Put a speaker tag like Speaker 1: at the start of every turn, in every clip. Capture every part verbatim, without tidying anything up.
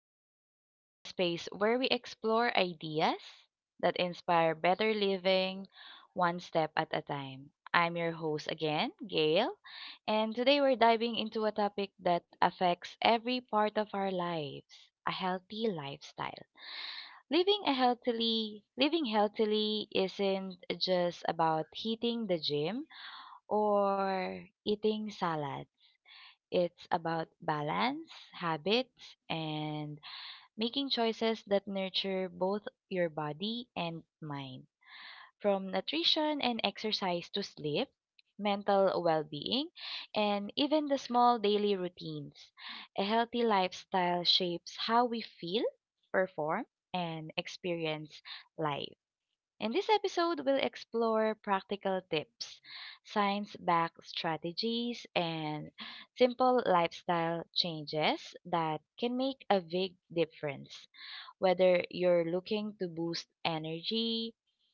Speaker 1: podcast, the space where we explore ideas that inspire better living one step at a time. I'm your host again, Gail, and today we're diving into a topic that affects every part of our lives, a healthy lifestyle. Living a healthily, living healthily isn't just about hitting the gym or eating salad. It's about balance, habits, and making choices that nurture both your body and mind. From nutrition and exercise to sleep, mental well being, and even the small daily routines. A healthy lifestyle shapes how we feel, perform, and experience life. In this episode, we'll explore practical tips, science backed strategies, and simple lifestyle changes that can make a big difference. Whether you're looking to boost energy,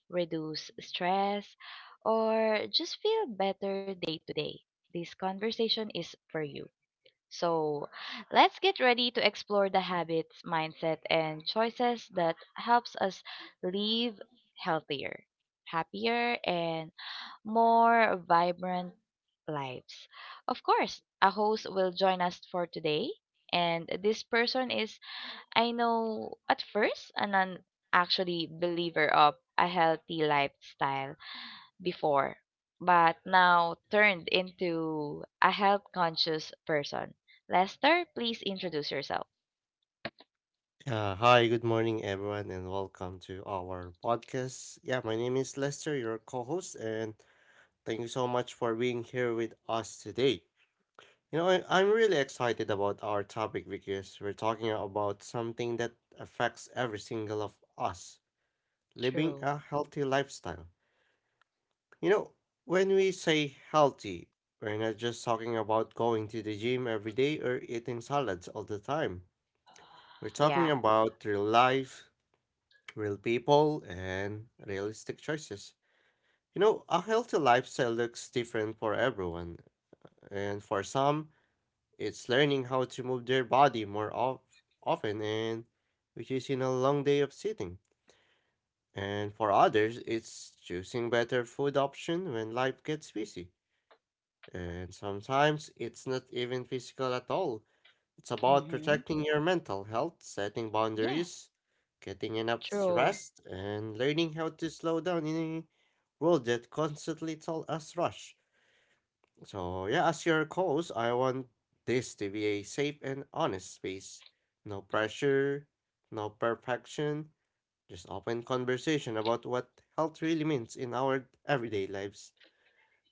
Speaker 1: reduce stress, or just feel better day to day, this conversation is for you. So, let's get ready to explore the habits, mindset, and choices that helps us live healthier, happier, and more vibrant lives. Of course, a host will join us for today, and this person is I know at first an un- actually believer of a healthy lifestyle before, but now turned into a health conscious person. Lester, please introduce yourself.
Speaker 2: Uh, hi, good morning, everyone, and welcome to our podcast. Yeah, my name is Lester, your co host, and thank you so much for being here with us today. You know, I, I'm really excited about our topic because we're talking about something that affects every single of us living
Speaker 1: True.
Speaker 2: a healthy lifestyle. You know, when we say healthy, we're not just talking about going to the gym every day or eating salads all the time. We're talking
Speaker 1: Yeah.
Speaker 2: about your life, real people, and realistic choices. You know, a healthy lifestyle looks different for everyone, and for some, it's learning how to move their body more of, often, and which is in a long day of sitting. And for others, it's choosing better food option when life gets busy. And sometimes it's not even physical at all. It's about
Speaker 1: Mm-hmm.
Speaker 2: protecting your mental health, setting
Speaker 1: Yeah.
Speaker 2: boundaries, getting enough
Speaker 1: True.
Speaker 2: rest, and learning how to slow down in a world that constantly tells us rush. So yeah, as your host, I want this to be a safe and honest space. No pressure, no perfection, just open conversation about what health really means in our everyday lives.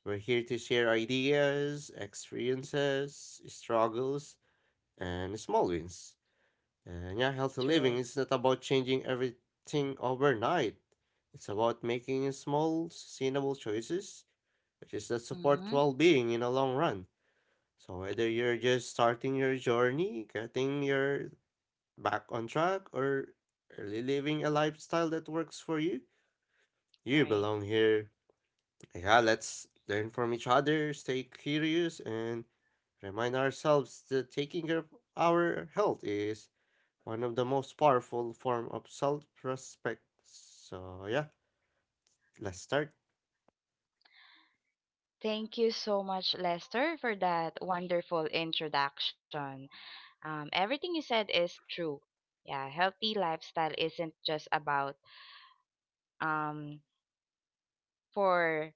Speaker 2: We're here to share ideas, experiences, struggles, and small wins. And yeah, healthy living
Speaker 1: True.
Speaker 2: is not about changing everything overnight. It's about making small, sustainable choices, which is that support
Speaker 1: Mm-hmm.
Speaker 2: well being in the long run. So whether you're just starting your journey, getting your back on track, or really living a lifestyle that works for you, you
Speaker 1: Right.
Speaker 2: belong here. Yeah, let's learn from each other, stay curious, and remind ourselves that taking care of our health is one of the most powerful form of self-respect. So yeah, let's start.
Speaker 1: Thank you so much, Lester, for that wonderful introduction. Um, everything you said is true. Yeah, healthy lifestyle isn't just about um for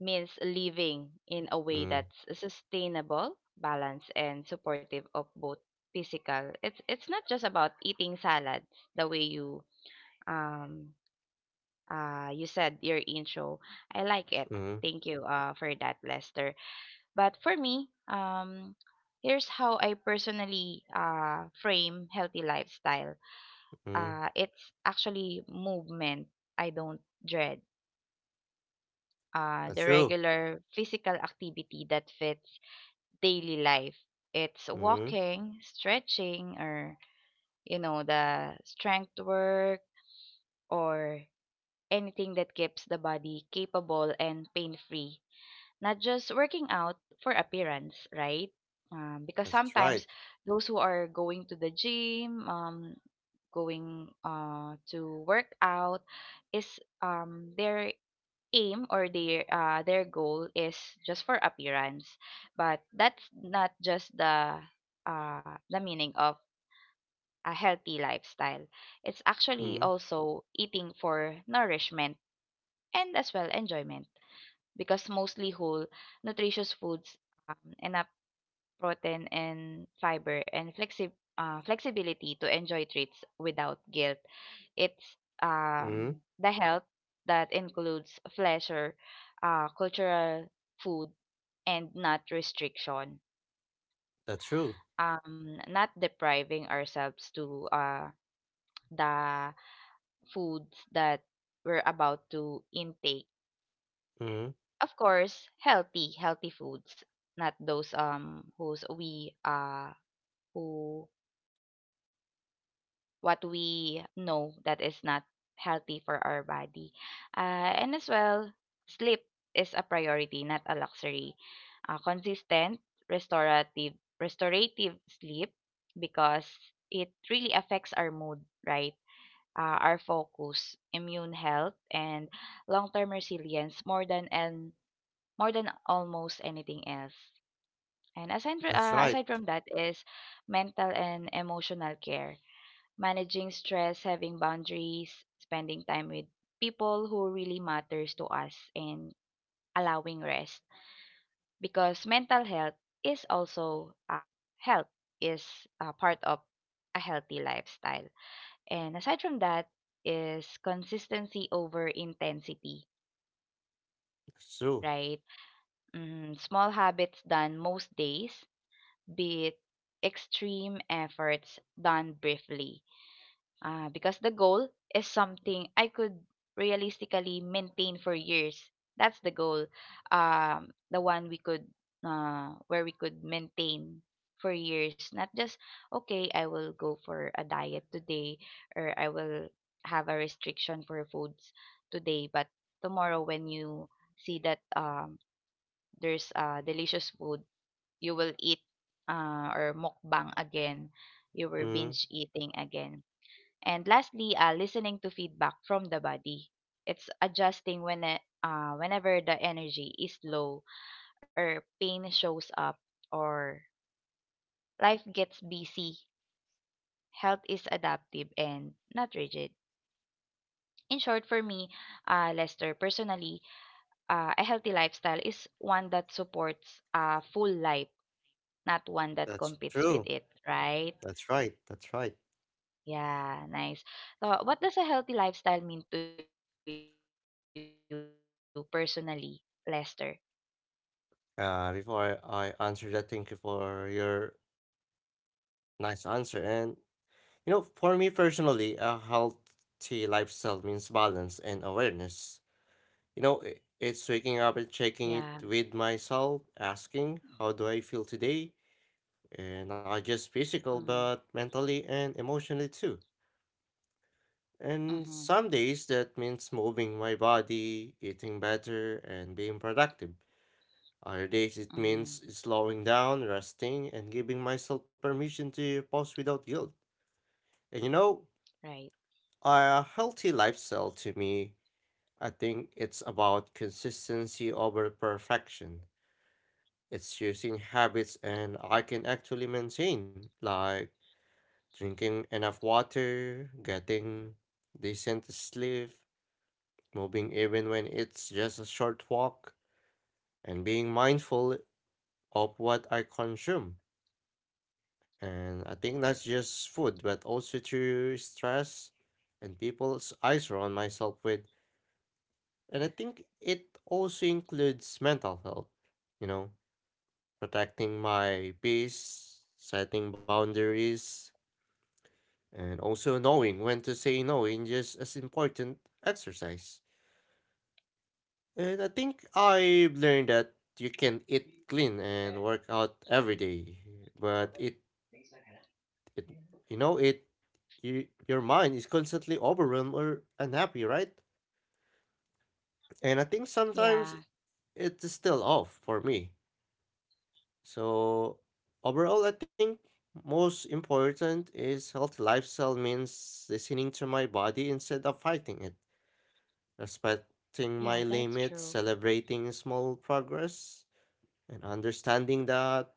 Speaker 1: means living in a way
Speaker 2: Mm,
Speaker 1: that's sustainable, balanced, and supportive of both physical. It's it's not just about eating salads the way you um uh you said your intro. I like it.
Speaker 2: mm,
Speaker 1: Thank you uh for that, Lester. But for me, um here's how I personally uh frame healthy lifestyle.
Speaker 2: mm.
Speaker 1: Uh, it's actually movement I don't dread. Uh,
Speaker 2: That's
Speaker 1: the
Speaker 2: true.
Speaker 1: regular physical activity that fits daily life. It's
Speaker 2: Mm,
Speaker 1: walking, stretching, or, you know, the strength work or anything that keeps the body capable and pain free. Not just working out for appearance, right? Um, because
Speaker 2: that's right.
Speaker 1: sometimes those who are going to the gym, um, going uh to work out is um their aim, or their uh their goal is just for appearance, but that's not just the uh the meaning of a healthy lifestyle. It's actually
Speaker 2: Mm,
Speaker 1: also eating for nourishment and as well enjoyment, because mostly whole nutritious foods, um, and a protein and fiber, and flexi- uh, flexibility to enjoy treats without guilt. It's
Speaker 2: mm.
Speaker 1: um, the health that includes pleasure, uh, cultural food, and not restriction.
Speaker 2: That's true.
Speaker 1: Um, not depriving ourselves to uh, the foods that we're about to intake.
Speaker 2: Mm,
Speaker 1: Of course, healthy, healthy foods, not those um whose we uh who what we know that is not healthy for our body. Uh, and as well, sleep is a priority, not a luxury. Uh, consistent, restorative, restorative sleep, because it really affects our mood, right? Uh, our focus, immune health, and long-term resilience more than and more than almost anything else. And aside, fr-
Speaker 2: that's
Speaker 1: uh, aside
Speaker 2: right.
Speaker 1: from that is mental and emotional care, managing stress, having boundaries, spending time with people who really matters to us, and allowing rest, because mental health is also, uh, health is, uh, part of a healthy lifestyle. And aside from that is consistency over intensity,
Speaker 2: That's true.
Speaker 1: right? Mm, small habits done most days, be it extreme efforts done briefly. Ah, because the goal is something I could realistically maintain for years. That's the goal. Um, the one we could, uh, where we could maintain for years, not just, okay, I will go for a diet today, or I will have a restriction for foods today, but tomorrow when you see that um there's uh delicious food, you will eat, uh or mukbang again. You were
Speaker 2: Mm,
Speaker 1: binge eating again. And lastly, uh, listening to feedback from the body. It's adjusting when it, uh, whenever the energy is low, or pain shows up, or life gets busy. Health is adaptive and not rigid. In short, for me, uh, Lester, personally, uh, a healthy lifestyle is one that supports, uh, full life, not one that
Speaker 2: that's
Speaker 1: competes with
Speaker 2: true.
Speaker 1: it, right?
Speaker 2: That's right. That's right.
Speaker 1: Yeah, nice. So, what does a healthy lifestyle mean to you personally, Lester?
Speaker 2: Uh, before I, I answer that, thank you for your nice answer. And you know, for me personally, a healthy lifestyle means balance and awareness. You know, i- it's waking up and
Speaker 1: Yeah.
Speaker 2: checking it with myself, asking, how do I feel today? And not just
Speaker 1: Mm.
Speaker 2: physical, but mentally and emotionally too.
Speaker 1: Mm-hmm.
Speaker 2: And some days that means moving my body, eating better, and being productive. Other days it
Speaker 1: Mm-hmm.
Speaker 2: means slowing down, resting, and giving myself permission to pause without guilt. And you know,
Speaker 1: Right.
Speaker 2: a healthy lifestyle to me, I think it's about consistency over perfection. It's using habits and I can actually maintain, like drinking enough water, getting decent sleep, moving even when it's just a short walk, and being mindful of what I consume. And I think that's just food, but also through stress and people s- I surround myself with. And I think it also includes mental health, you know, protecting my peace, setting boundaries. And also knowing when to say no in just as important exercise. And I think I've learned that you can eat clean and work out every day, but it it you know it you, your mind is constantly overwhelmed or unhappy, right?
Speaker 1: Yeah.
Speaker 2: And I think sometimes it's still off for me. So overall, I think most important is healthy lifestyle means listening to my body instead of fighting it.
Speaker 1: Yeah, that's
Speaker 2: Respecting
Speaker 1: true.
Speaker 2: my limits, celebrating small progress, and understanding that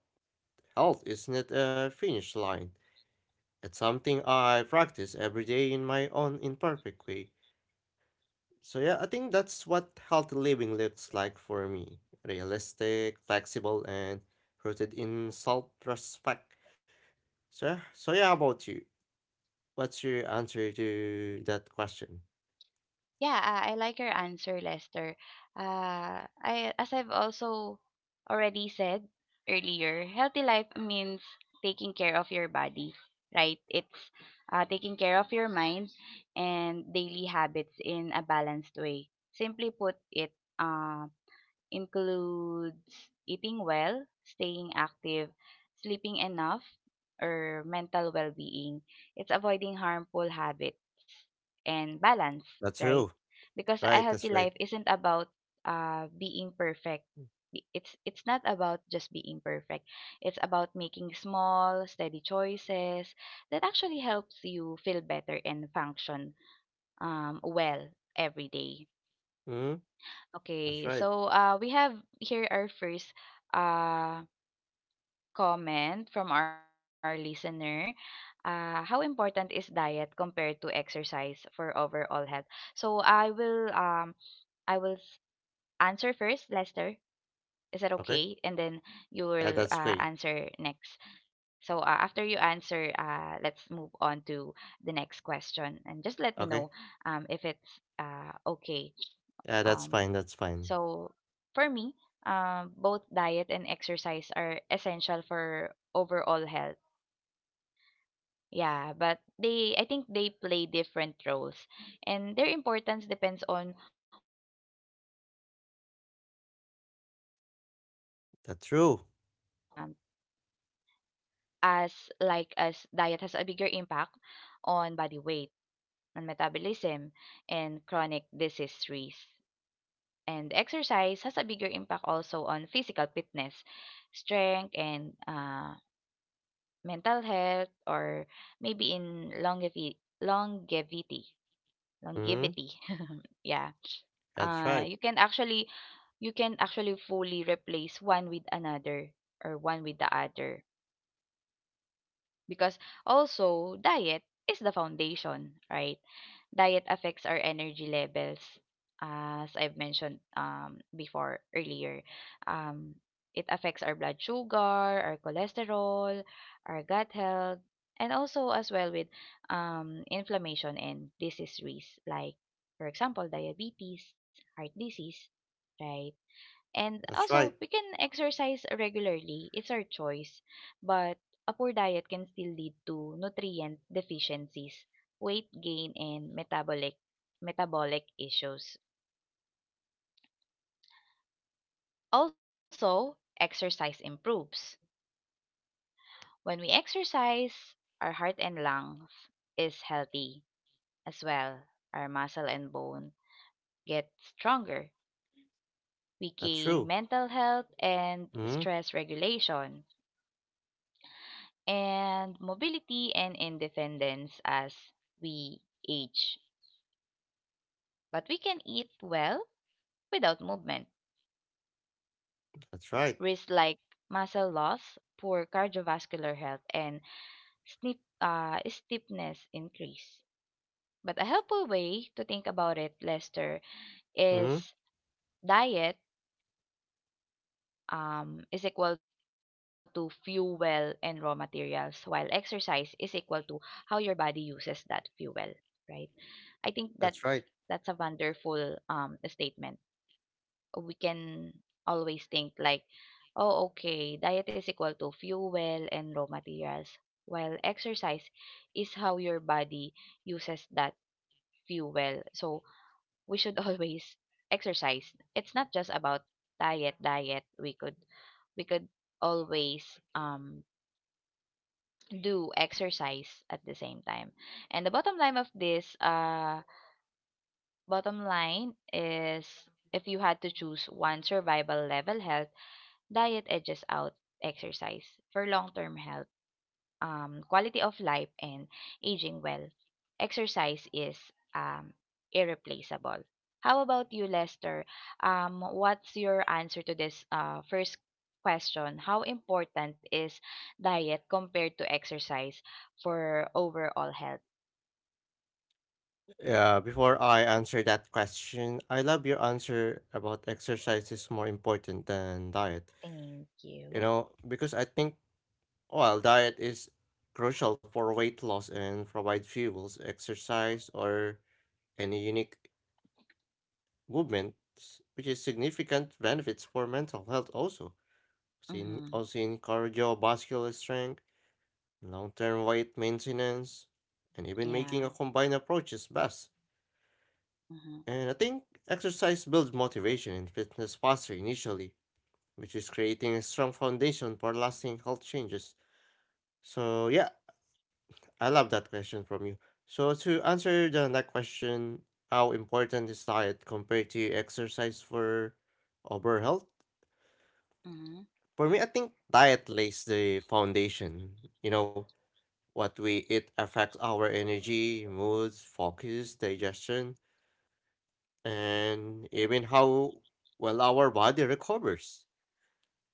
Speaker 2: health isn't a finish line. It's something I practice every day in my own imperfect way. So, yeah, I think that's what healthy living looks like for me, realistic, flexible, and rooted in self respect. So, yeah- so, yeah, how about you? What's your answer to that question?
Speaker 1: Yeah, uh, I like your answer, Lester. Uh, I as I've also already said earlier, healthy life means taking care of your body, right? It's, uh, taking care of your mind and daily habits in a balanced way. Simply put it, uh, includes eating well, staying active, sleeping enough, or mental well being. It's avoiding harmful habits and balance,
Speaker 2: That's
Speaker 1: right?
Speaker 2: true.
Speaker 1: Because a
Speaker 2: Right,
Speaker 1: healthy
Speaker 2: that's
Speaker 1: life
Speaker 2: right.
Speaker 1: isn't about, uh, being perfect. I- It's it's not about just being perfect. It's about making small, steady choices that actually helps you feel better and function um, well every day.
Speaker 2: hmm
Speaker 1: Okay,
Speaker 2: That's right.
Speaker 1: so uh, we have here our first, uh, comment from our listener. Uh, how important is diet compared to exercise for overall health? So I will um I will s- answer first, Lester. Is that
Speaker 2: Okay.
Speaker 1: okay? And then
Speaker 2: Yeah,
Speaker 1: you
Speaker 2: that's
Speaker 1: will,
Speaker 2: great.
Speaker 1: uh, answer next. So uh, after you answer, uh, let's move on to the next question, and just let me
Speaker 2: Okay.
Speaker 1: know um if it's uh okay.
Speaker 2: Yeah, that's
Speaker 1: Um,
Speaker 2: fine. That's fine.
Speaker 1: so for me, um, both diet and exercise are essential for overall health. Yeah, but they I think they play different roles, and their importance depends on what aspect of health uh you're looking at. Um,
Speaker 2: That's true.
Speaker 1: as Like as diet has a bigger impact on body weight, on metabolism, and chronic disease risk. And exercise has a bigger impact also on physical fitness, strength, and uh, mental health, or maybe in longevi- longevity.
Speaker 2: hmm
Speaker 1: Longevity. Yeah.
Speaker 2: That's
Speaker 1: Uh,
Speaker 2: right.
Speaker 1: you can actually you can actually fully replace one with another, or one with the other, because also diet is the foundation, right? Diet affects our energy levels, as I've mentioned um, before earlier. Um, it affects our blood sugar, our cholesterol, our gut health, and also as well with um, inflammation and disease risk, like, for example, diabetes, heart disease, right? And
Speaker 2: That's
Speaker 1: also,
Speaker 2: right.
Speaker 1: we can exercise regularly. It's our choice. But a poor diet can still lead to nutrient deficiencies, weight gain, and metabolic metabolic issues. Also, exercise improves. When we exercise, our heart and lungs is healthy as well. Our muscle and bone get stronger. We
Speaker 2: That's
Speaker 1: gain
Speaker 2: true.
Speaker 1: mental health and
Speaker 2: hmm
Speaker 1: stress regulation, and mobility and independence as we age. But we can eat well without movement.
Speaker 2: That's right.
Speaker 1: Risks like muscle loss, poor cardiovascular health, and snip, uh, stiffness increase. But a helpful way to think about it, Lester,
Speaker 2: hmm
Speaker 1: is diet, um, is equal to fuel and raw materials, while exercise is equal to how your body uses that fuel, right? I think that's
Speaker 2: That's right.
Speaker 1: that's a wonderful, um, statement. We can always think like, oh, okay, diet is equal to fuel and raw materials, while exercise is how your body uses that fuel. So we should always exercise. It's not just about diet, diet. We could we could always um do exercise at the same time. And the bottom line of this, uh bottom line is, if you had to choose one survival level health, diet edges out exercise for long-term health, um, quality of life, and aging well. Exercise is, um, irreplaceable. How about you, Lester? Um, what's your answer to this, uh, first question? How important is diet compared to exercise for overall health?
Speaker 2: Yeah, before I answer that question, I love your answer about exercise is more important than diet.
Speaker 1: Thank
Speaker 2: You
Speaker 1: you.
Speaker 2: know, because I think, well, diet is crucial for weight loss and provide fuels, exercise, or any unique movements, which is significant benefits for mental health also. also in
Speaker 1: Mm-hmm.
Speaker 2: also in cardiovascular strength, long-term weight maintenance, and even making a
Speaker 1: Yeah.
Speaker 2: combined approach is best.
Speaker 1: Mm-hmm.
Speaker 2: And I think exercise builds motivation and fitness faster initially, which is creating a strong foundation for lasting health changes. So yeah, I love that question from you. So to answer the next question, how important is diet compared to exercise for overall health?
Speaker 1: Mm-hmm.
Speaker 2: For me, I think diet lays the foundation. You know, what we eat affects our energy, moods, focus, digestion, and even how well our body recovers.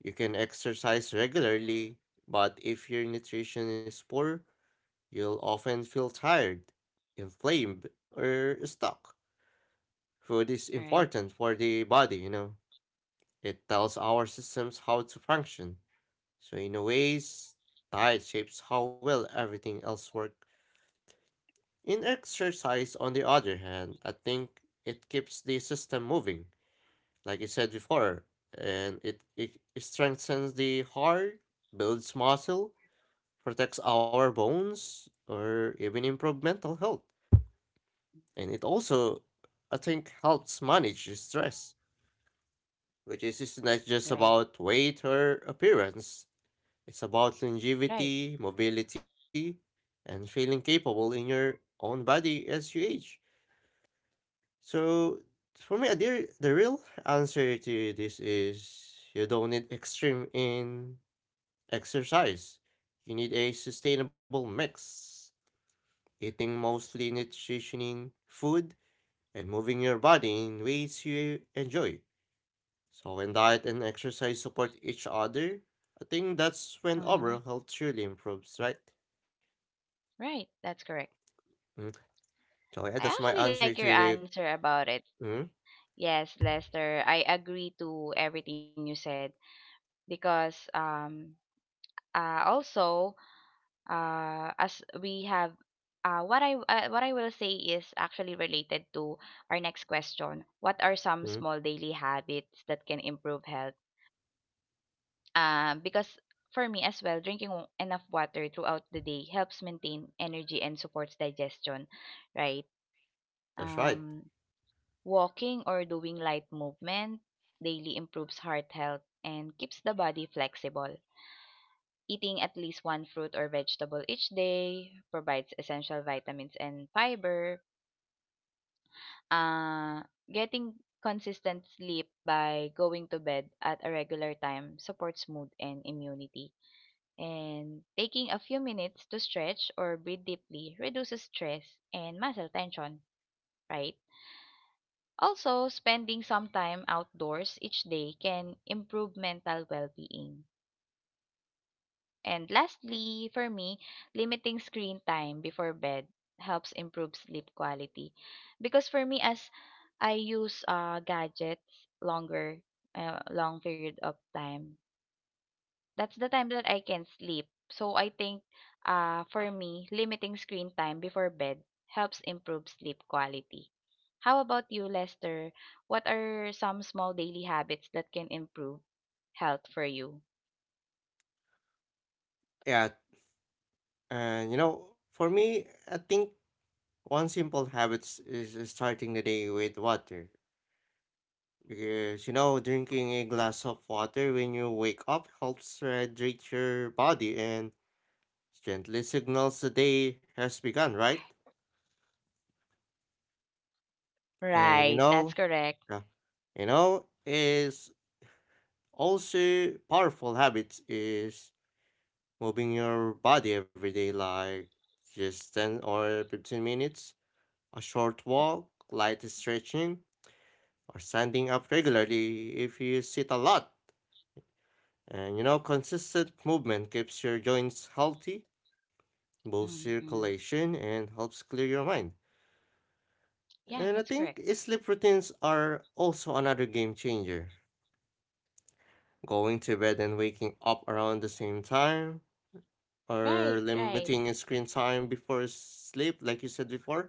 Speaker 2: You can exercise regularly, but if your nutrition is poor, you'll often feel tired, inflamed, or stuck. Food is
Speaker 1: Right.
Speaker 2: important for the body, you know. It tells our systems how to function. So in a ways, diet shapes how well everything else works. In exercise, on the other hand, I think it keeps the system moving, like I said before, and it, it strengthens the heart, builds muscle, protects our bones, or even improve mental health. And it also, I think, helps manage stress, which is is
Speaker 1: Right.
Speaker 2: not just about weight or appearance. It's about
Speaker 1: Right.
Speaker 2: longevity, mobility, and feeling capable in your own body as you age. So for me, the the real answer to this is you don't need extreme in exercise. You need a sustainable
Speaker 1: True.
Speaker 2: mix, eating mostly nutritioning food and moving your body in
Speaker 1: That's
Speaker 2: ways
Speaker 1: right.
Speaker 2: you enjoy. So when diet and exercise support each other, I think that's when overall
Speaker 1: Mm-hmm.
Speaker 2: health truly improves, right?
Speaker 1: Right. That's correct.
Speaker 2: Mm. So yeah, that's
Speaker 1: I
Speaker 2: my
Speaker 1: actually
Speaker 2: answer
Speaker 1: like your
Speaker 2: to the.
Speaker 1: answer about it.
Speaker 2: Mm,
Speaker 1: Yes, Lester, I agree to everything you said, because um uh also uh as we have uh what I uh, what I will say is actually related to our next question. What are some
Speaker 2: mm,
Speaker 1: small daily habits that can improve health? Um because for me as well, drinking w- enough water throughout the day helps maintain energy and supports digestion, right?
Speaker 2: that's right.
Speaker 1: Um Walking or doing light movement daily improves heart health and keeps the body flexible. Eating at least one fruit or vegetable each day provides essential vitamins and fiber. Uh, Getting consistent sleep by going to bed at a regular time supports mood and immunity. And taking a few minutes to stretch or breathe deeply reduces stress and muscle tension, right? Also, spending some time outdoors each day can improve mental well-being. And lastly, for me, limiting screen time before bed helps improve sleep quality. Because for me, as I use, uh, gadgets longer, uh, long period of time, that's the time that I can sleep. So I think, uh, for me, limiting screen time before bed helps improve sleep quality. How about you, Lester? What are some small daily habits that can improve health for you?
Speaker 2: Yeah, and you know, for me, I think one simple habit s- is starting the day with water. Because, you know, drinking a glass of water when you wake up helps hydrate your body and gently signals the day has begun, right? And, you
Speaker 1: Right, that's
Speaker 2: know,
Speaker 1: correct.
Speaker 2: yeah, you know, is also powerful habits is moving your body every day, like just ten or fifteen minutes, a short walk, light stretching, or standing up regularly if you sit a lot. And you know, consistent movement keeps your joints healthy, boosts
Speaker 1: Hmm.
Speaker 2: circulation, and helps clear your mind.
Speaker 1: Yeah,
Speaker 2: And I
Speaker 1: that's correct.
Speaker 2: think sleep routines are also another game changer. Going to bed and waking up around the same time,
Speaker 1: Right,
Speaker 2: or
Speaker 1: right.
Speaker 2: limiting screen time before sleep, like you said before,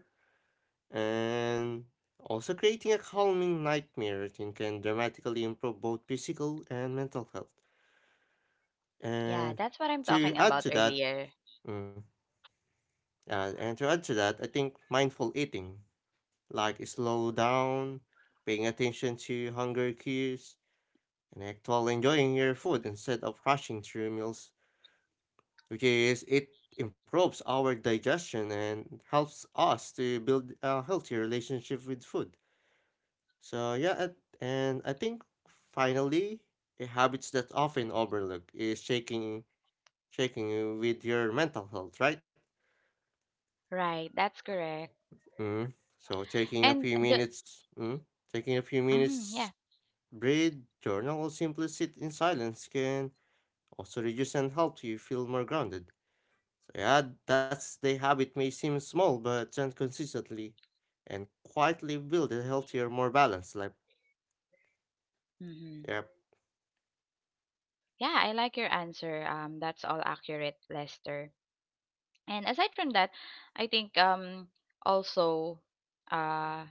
Speaker 2: and also creating a calming nightmare routine can dramatically improve both physical and mental health.
Speaker 1: Yeah,
Speaker 2: And
Speaker 1: that's what I'm
Speaker 2: to
Speaker 1: talking
Speaker 2: add
Speaker 1: about
Speaker 2: to that,
Speaker 1: earlier.
Speaker 2: mm, Yeah, and to add to that, I think mindful eating, like slow down, paying attention to hunger cues, and actually enjoying your food instead of rushing through meals, which is it improves our digestion and helps us to build a healthy relationship with food. So yeah, at- and I think finally, a habits that often overlook is shaking, shaking with your mental health, right?
Speaker 1: Right, that's correct.
Speaker 2: Mm. So taking a
Speaker 1: And
Speaker 2: few
Speaker 1: the
Speaker 2: minutes, mm, taking a few
Speaker 1: Mm-hmm, yeah.
Speaker 2: minutes, breathe, journal, or simply sit in silence can also reduce and help you feel more grounded. So yeah, that's the habit may seem small, but done consistently and quietly build a healthier, more balanced life.
Speaker 1: Mm-hmm.
Speaker 2: Yep,
Speaker 1: Yeah, I like your answer. Um, that's all accurate, Lester. And aside from that, I think um also uh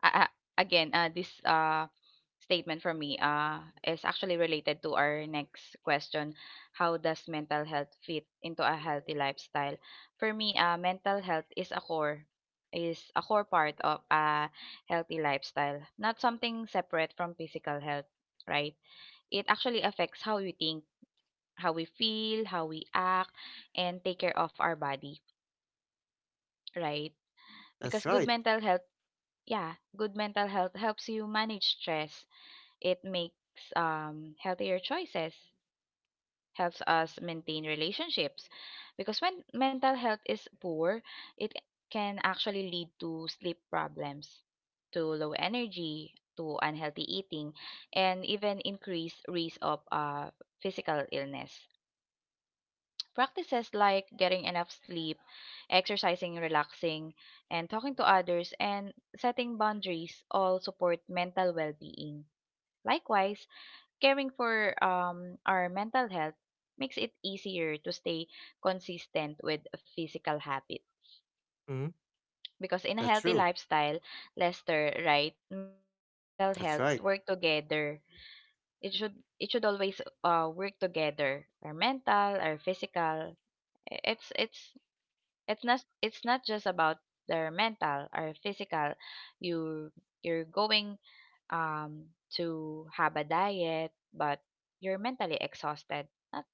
Speaker 1: a- a- again, uh this uh statement from me uh is actually related to our next question. How does mental health fit into a healthy lifestyle? For me, uh mental health is a core is a core part of a healthy lifestyle, not something separate from physical health, right? It actually affects how we think, how we feel, how we act, and take care of our body, right?
Speaker 2: that's
Speaker 1: Because good
Speaker 2: right.
Speaker 1: mental health, yeah, good mental health helps you manage stress. It makes um healthier choices, helps us maintain relationships. Because when mental health is poor, it can actually lead to sleep problems, to low energy, to unhealthy eating, and even increased risk of uh, physical illness. Practices like getting enough sleep, exercising, relaxing, and talking to others, and setting boundaries all support mental well being. Likewise, caring for um, our mental health makes it easier to stay consistent with physical habits.
Speaker 2: Mm.
Speaker 1: Because in a
Speaker 2: That's
Speaker 1: healthy
Speaker 2: true.
Speaker 1: lifestyle, Lester, right, mental and physical
Speaker 2: That's
Speaker 1: health
Speaker 2: right.
Speaker 1: work together. It should it should always uh, work together. Our mental, our physical. It's it's It's not it's not just about their mental or physical. You you're going um to have a diet, but you're mentally exhausted. That,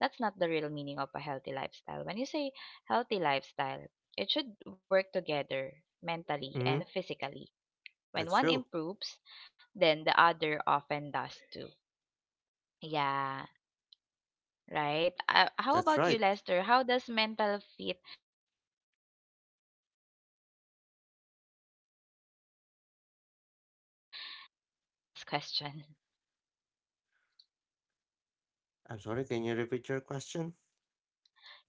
Speaker 1: That's not the real meaning of a healthy lifestyle. When you say healthy lifestyle, it should work together mentally
Speaker 2: Mm.
Speaker 1: and physically.
Speaker 2: That's
Speaker 1: When one
Speaker 2: true.
Speaker 1: improves, then the other often does too. Yeah, right. Uh, how
Speaker 2: That's
Speaker 1: about you,
Speaker 2: right.
Speaker 1: Lester? How does mental fit uh into a healthy lifestyle? For our second to the last question.
Speaker 2: I'm sorry. Can you repeat your question?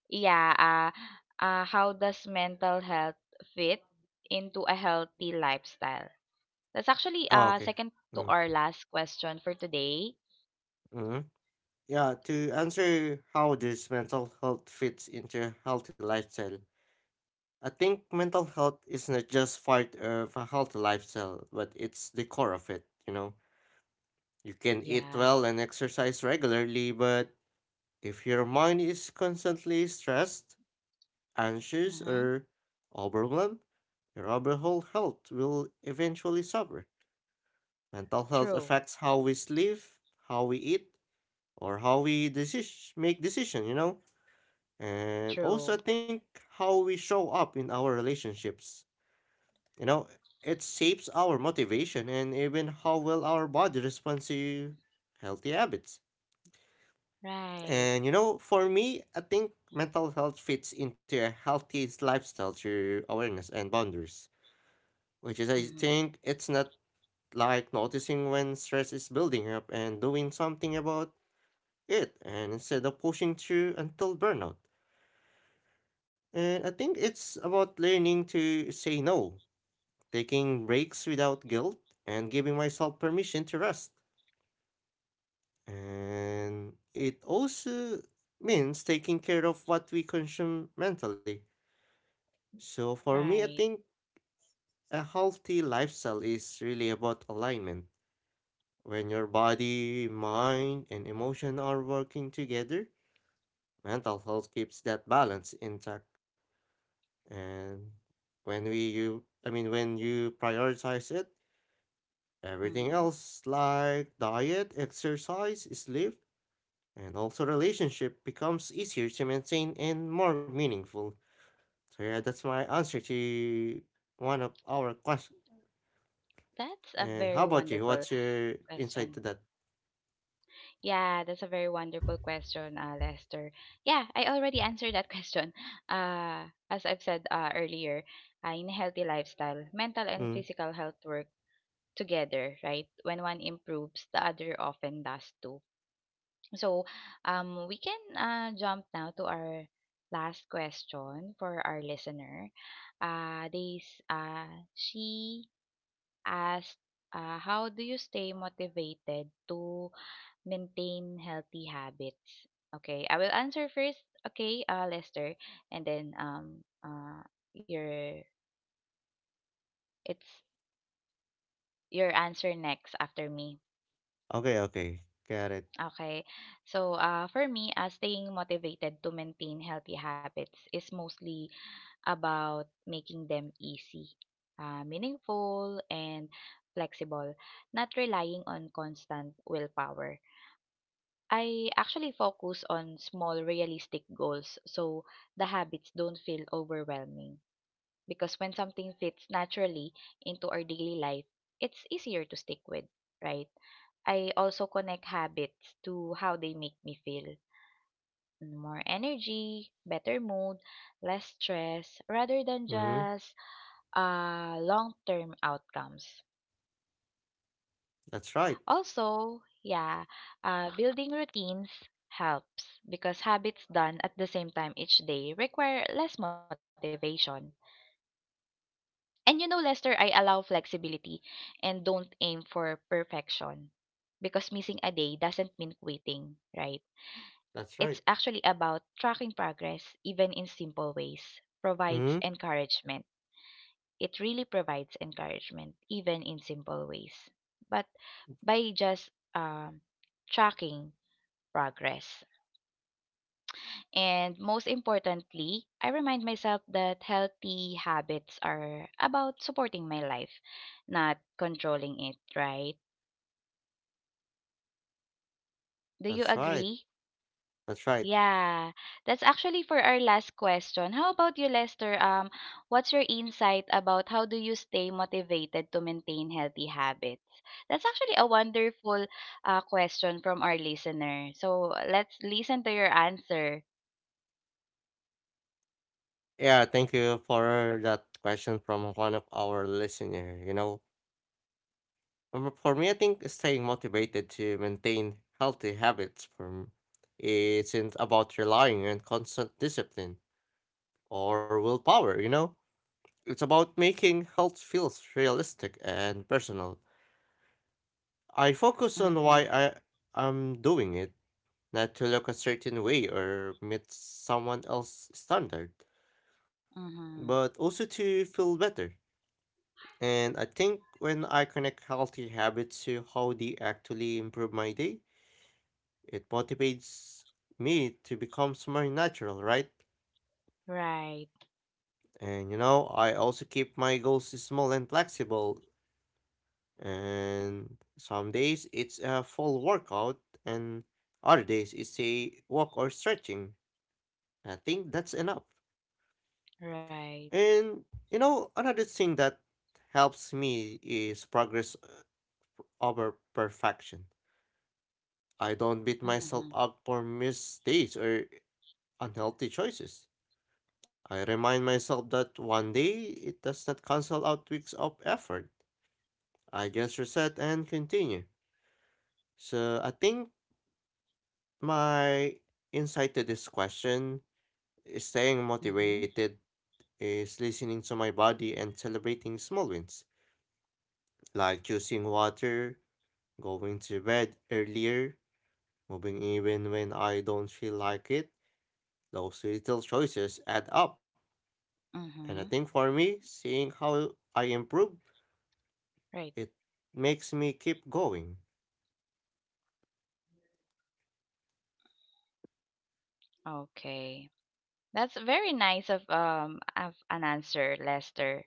Speaker 1: Yeah, uh, uh, how does mental health fit into a healthy lifestyle? That's actually
Speaker 2: Oh,
Speaker 1: uh
Speaker 2: okay.
Speaker 1: second to
Speaker 2: Mm.
Speaker 1: our last question for today.
Speaker 2: Mm. Yeah, to answer how this mental health fits into a healthy lifestyle, I think mental health is not just part of a healthy lifestyle, but it's the core of it, you know. You can eat well and
Speaker 1: Yeah.
Speaker 2: exercise regularly, but if your mind is constantly stressed, anxious, or
Speaker 1: Mm-hmm.
Speaker 2: overwhelmed, your overall health will eventually suffer. Mental health affects
Speaker 1: True.
Speaker 2: how we sleep, how we eat, or how we deci- make decisions, you know. And also, I think
Speaker 1: True.
Speaker 2: how we show up in our relationships, you know, it shapes our motivation and even how well our body responds to healthy habits. And you
Speaker 1: Right.
Speaker 2: know, for me, I think mental health fits into a healthy lifestyle through awareness and boundaries, which is, I think,
Speaker 1: Mm-hmm.
Speaker 2: it's not like noticing when stress is building up and doing something about it, and instead of pushing through until burnout. And I think it's about learning to say no, taking breaks without guilt and giving myself permission to rest. And it also means taking care of what we consume mentally. So for me, I think
Speaker 1: Right.
Speaker 2: a healthy lifestyle is really about alignment. When your body, mind, and emotion are working together, mental health keeps that balance intact. And when we you I mean when you prioritize it, everything
Speaker 1: Mm-hmm.
Speaker 2: else, like diet, exercise, sleep, and also relationship, becomes easier to maintain and more meaningful. So yeah, that's my answer to one of our questions.
Speaker 1: That's a
Speaker 2: And how
Speaker 1: very
Speaker 2: about you?
Speaker 1: wonderful
Speaker 2: What's your insight to
Speaker 1: question.
Speaker 2: that?
Speaker 1: Yeah, that's a very wonderful question, uh, Lester. Yeah, I already answered that question. Uh, as I've said uh, earlier, uh, in a healthy lifestyle, mental and
Speaker 2: Mm.
Speaker 1: physical health work together, right? When one improves, the other often does too. So, um, we can uh, jump now to our last question for our listener. Uh, this, uh, she asked, uh, how do you stay motivated to maintain healthy habits? Okay, I will answer first. Okay, uh, Lester, and then um, uh, your it's your answer next after me.
Speaker 2: Okay, okay, got it.
Speaker 1: Okay, so uh, for me, uh, staying motivated to maintain healthy habits is mostly about making them easy, uh, meaningful, and flexible, not relying on constant willpower. I actually focus on small realistic goals so the habits don't feel overwhelming because when something fits naturally into our daily life, it's easier to stick with, right? I also connect habits to how they make me feel. More energy, better mood, less stress, rather than
Speaker 2: Mm.
Speaker 1: just uh, long term outcomes.
Speaker 2: That's right.
Speaker 1: Also, yeah, uh, building routines helps because habits done at the same time each day require less motivation. And you know, Lester, I allow flexibility and don't aim for perfection because missing a day doesn't mean quitting, right?
Speaker 2: That's
Speaker 1: It's
Speaker 2: right.
Speaker 1: actually about tracking progress even in simple ways,
Speaker 2: Mm.
Speaker 1: provides encouragement. It really provides encouragement even in simple ways. But by just um, tracking progress. And most importantly, I remind myself that healthy habits are about supporting my life, not controlling it, right? Do you
Speaker 2: That's right.
Speaker 1: agree?
Speaker 2: That's right.
Speaker 1: Yeah, that's actually for our last question. How about you, Lester? Um, what's your insight about how do you stay motivated to maintain healthy habits? That's actually a wonderful uh, question from our listener. So let's listen to your answer.
Speaker 2: Yeah, thank you for that question from one of our listener. You know, Um, for me, I think staying motivated to maintain healthy habits from isn't about relying on constant discipline or willpower, you know? It's about making health feels realistic and personal. I focus on why
Speaker 1: Mm-hmm.
Speaker 2: I am doing it, not to look a certain way or meet someone else's standard,
Speaker 1: Mm-hmm.
Speaker 2: but also to feel better. And I think when I connect healthy habits to how they actually improve my day, it motivates me to become more natural, right?
Speaker 1: Right.
Speaker 2: And you know, I also keep my goals small and flexible, and some days it's a full workout, and other days it's a walk or stretching. I think that's enough.
Speaker 1: Right.
Speaker 2: And you know, another thing that helps me is progress over perfection. I don't beat
Speaker 1: Mm-hmm.
Speaker 2: myself up for mistakes or unhealthy choices. I remind myself that one day it does not cancel out weeks of effort. I just reset and continue. So I think my insight to this question is staying
Speaker 1: Mm-hmm.
Speaker 2: motivated is listening to my body and celebrating small wins, like choosing water, going to bed earlier, moving even when I don't feel like it. Those little choices add up. And I think
Speaker 1: Mm-hmm.
Speaker 2: for me, seeing how I improve,
Speaker 1: Right.
Speaker 2: it makes me keep going.
Speaker 1: Okay. That's very nice of um of an answer, Lester.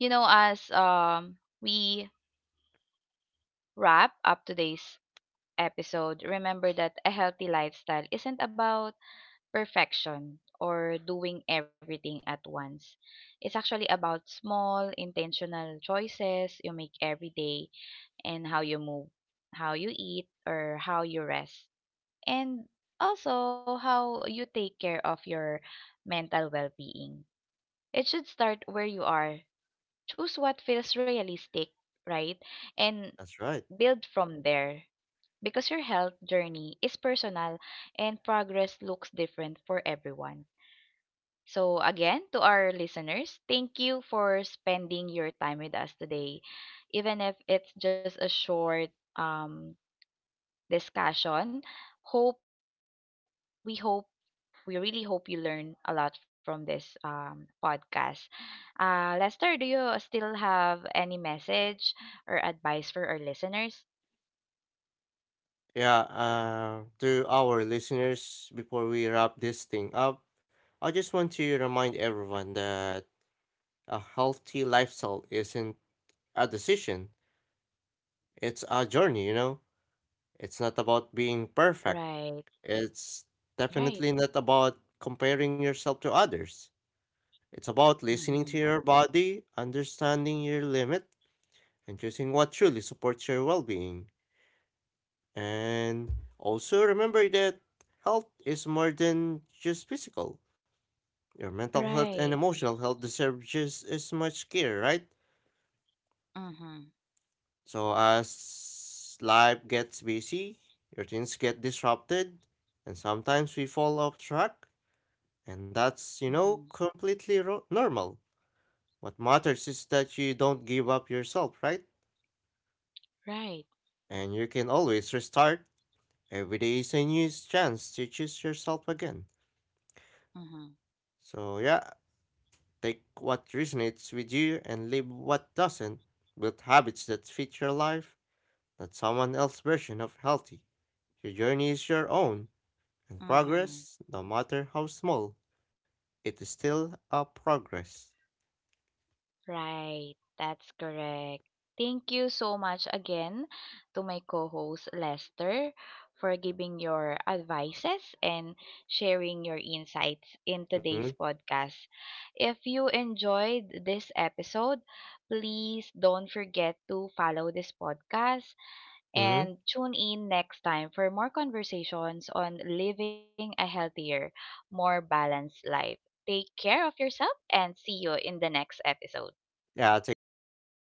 Speaker 1: You know, as um we wrap up today's episode, remember that a healthy lifestyle isn't about perfection or doing everything at once. It's actually about small, intentional choices you make every day and how you move, how you eat, or how you rest and also how you take care of your mental well being. It should start where you are. Choose what feels realistic, right? And
Speaker 2: That's right.
Speaker 1: build from there. Because your health journey is personal and progress looks different for everyone. So, again, to our listeners, thank you for spending your time with us today. Even if it's just a short um, discussion, hope we hope We really hope you learn a lot from this um, podcast. Uh, Lester, do you still have any message or advice for our listeners?
Speaker 2: Yeah, uh, to our listeners, before we wrap this thing up, I just want to remind everyone that a healthy lifestyle isn't a decision, it's a journey, you know? It's not about being perfect,
Speaker 1: Right,
Speaker 2: it's
Speaker 1: right.
Speaker 2: definitely not about comparing yourself to others. It's about
Speaker 1: Mm-hmm.
Speaker 2: listening to your body, understanding your limit, and choosing what truly supports your well being. And also remember that health is more than just physical. Your mental health
Speaker 1: Right.
Speaker 2: and emotional health deserve just as much care, right?
Speaker 1: Mm-hmm.
Speaker 2: So as life gets busy, routines get disrupted, and sometimes we fall off track, and that's, you
Speaker 1: Mm-hmm.
Speaker 2: know, completely ro- normal. What matters is that you don't give up yourself, right?
Speaker 1: Right.
Speaker 2: And you can always restart. Every day is a new chance to choose yourself again.
Speaker 1: Mm-hmm.
Speaker 2: So yeah, take what resonates with you and leave what doesn't. Build habits that fit your life, not someone else's version of healthy. Your journey is your own, and
Speaker 1: Mm-hmm.
Speaker 2: progress, no matter how small, it is still a progress.
Speaker 1: Right, that's correct. Thank you so much again to my co host Lester for giving your advices and sharing your insights in today's podcast. If you enjoyed this episode, please don't forget to follow this podcast
Speaker 2: Mm-hmm.
Speaker 1: and tune in next time for more conversations on living a healthier, more balanced life. Take care of yourself and see you in the next episode.
Speaker 2: Yeah, thank you, and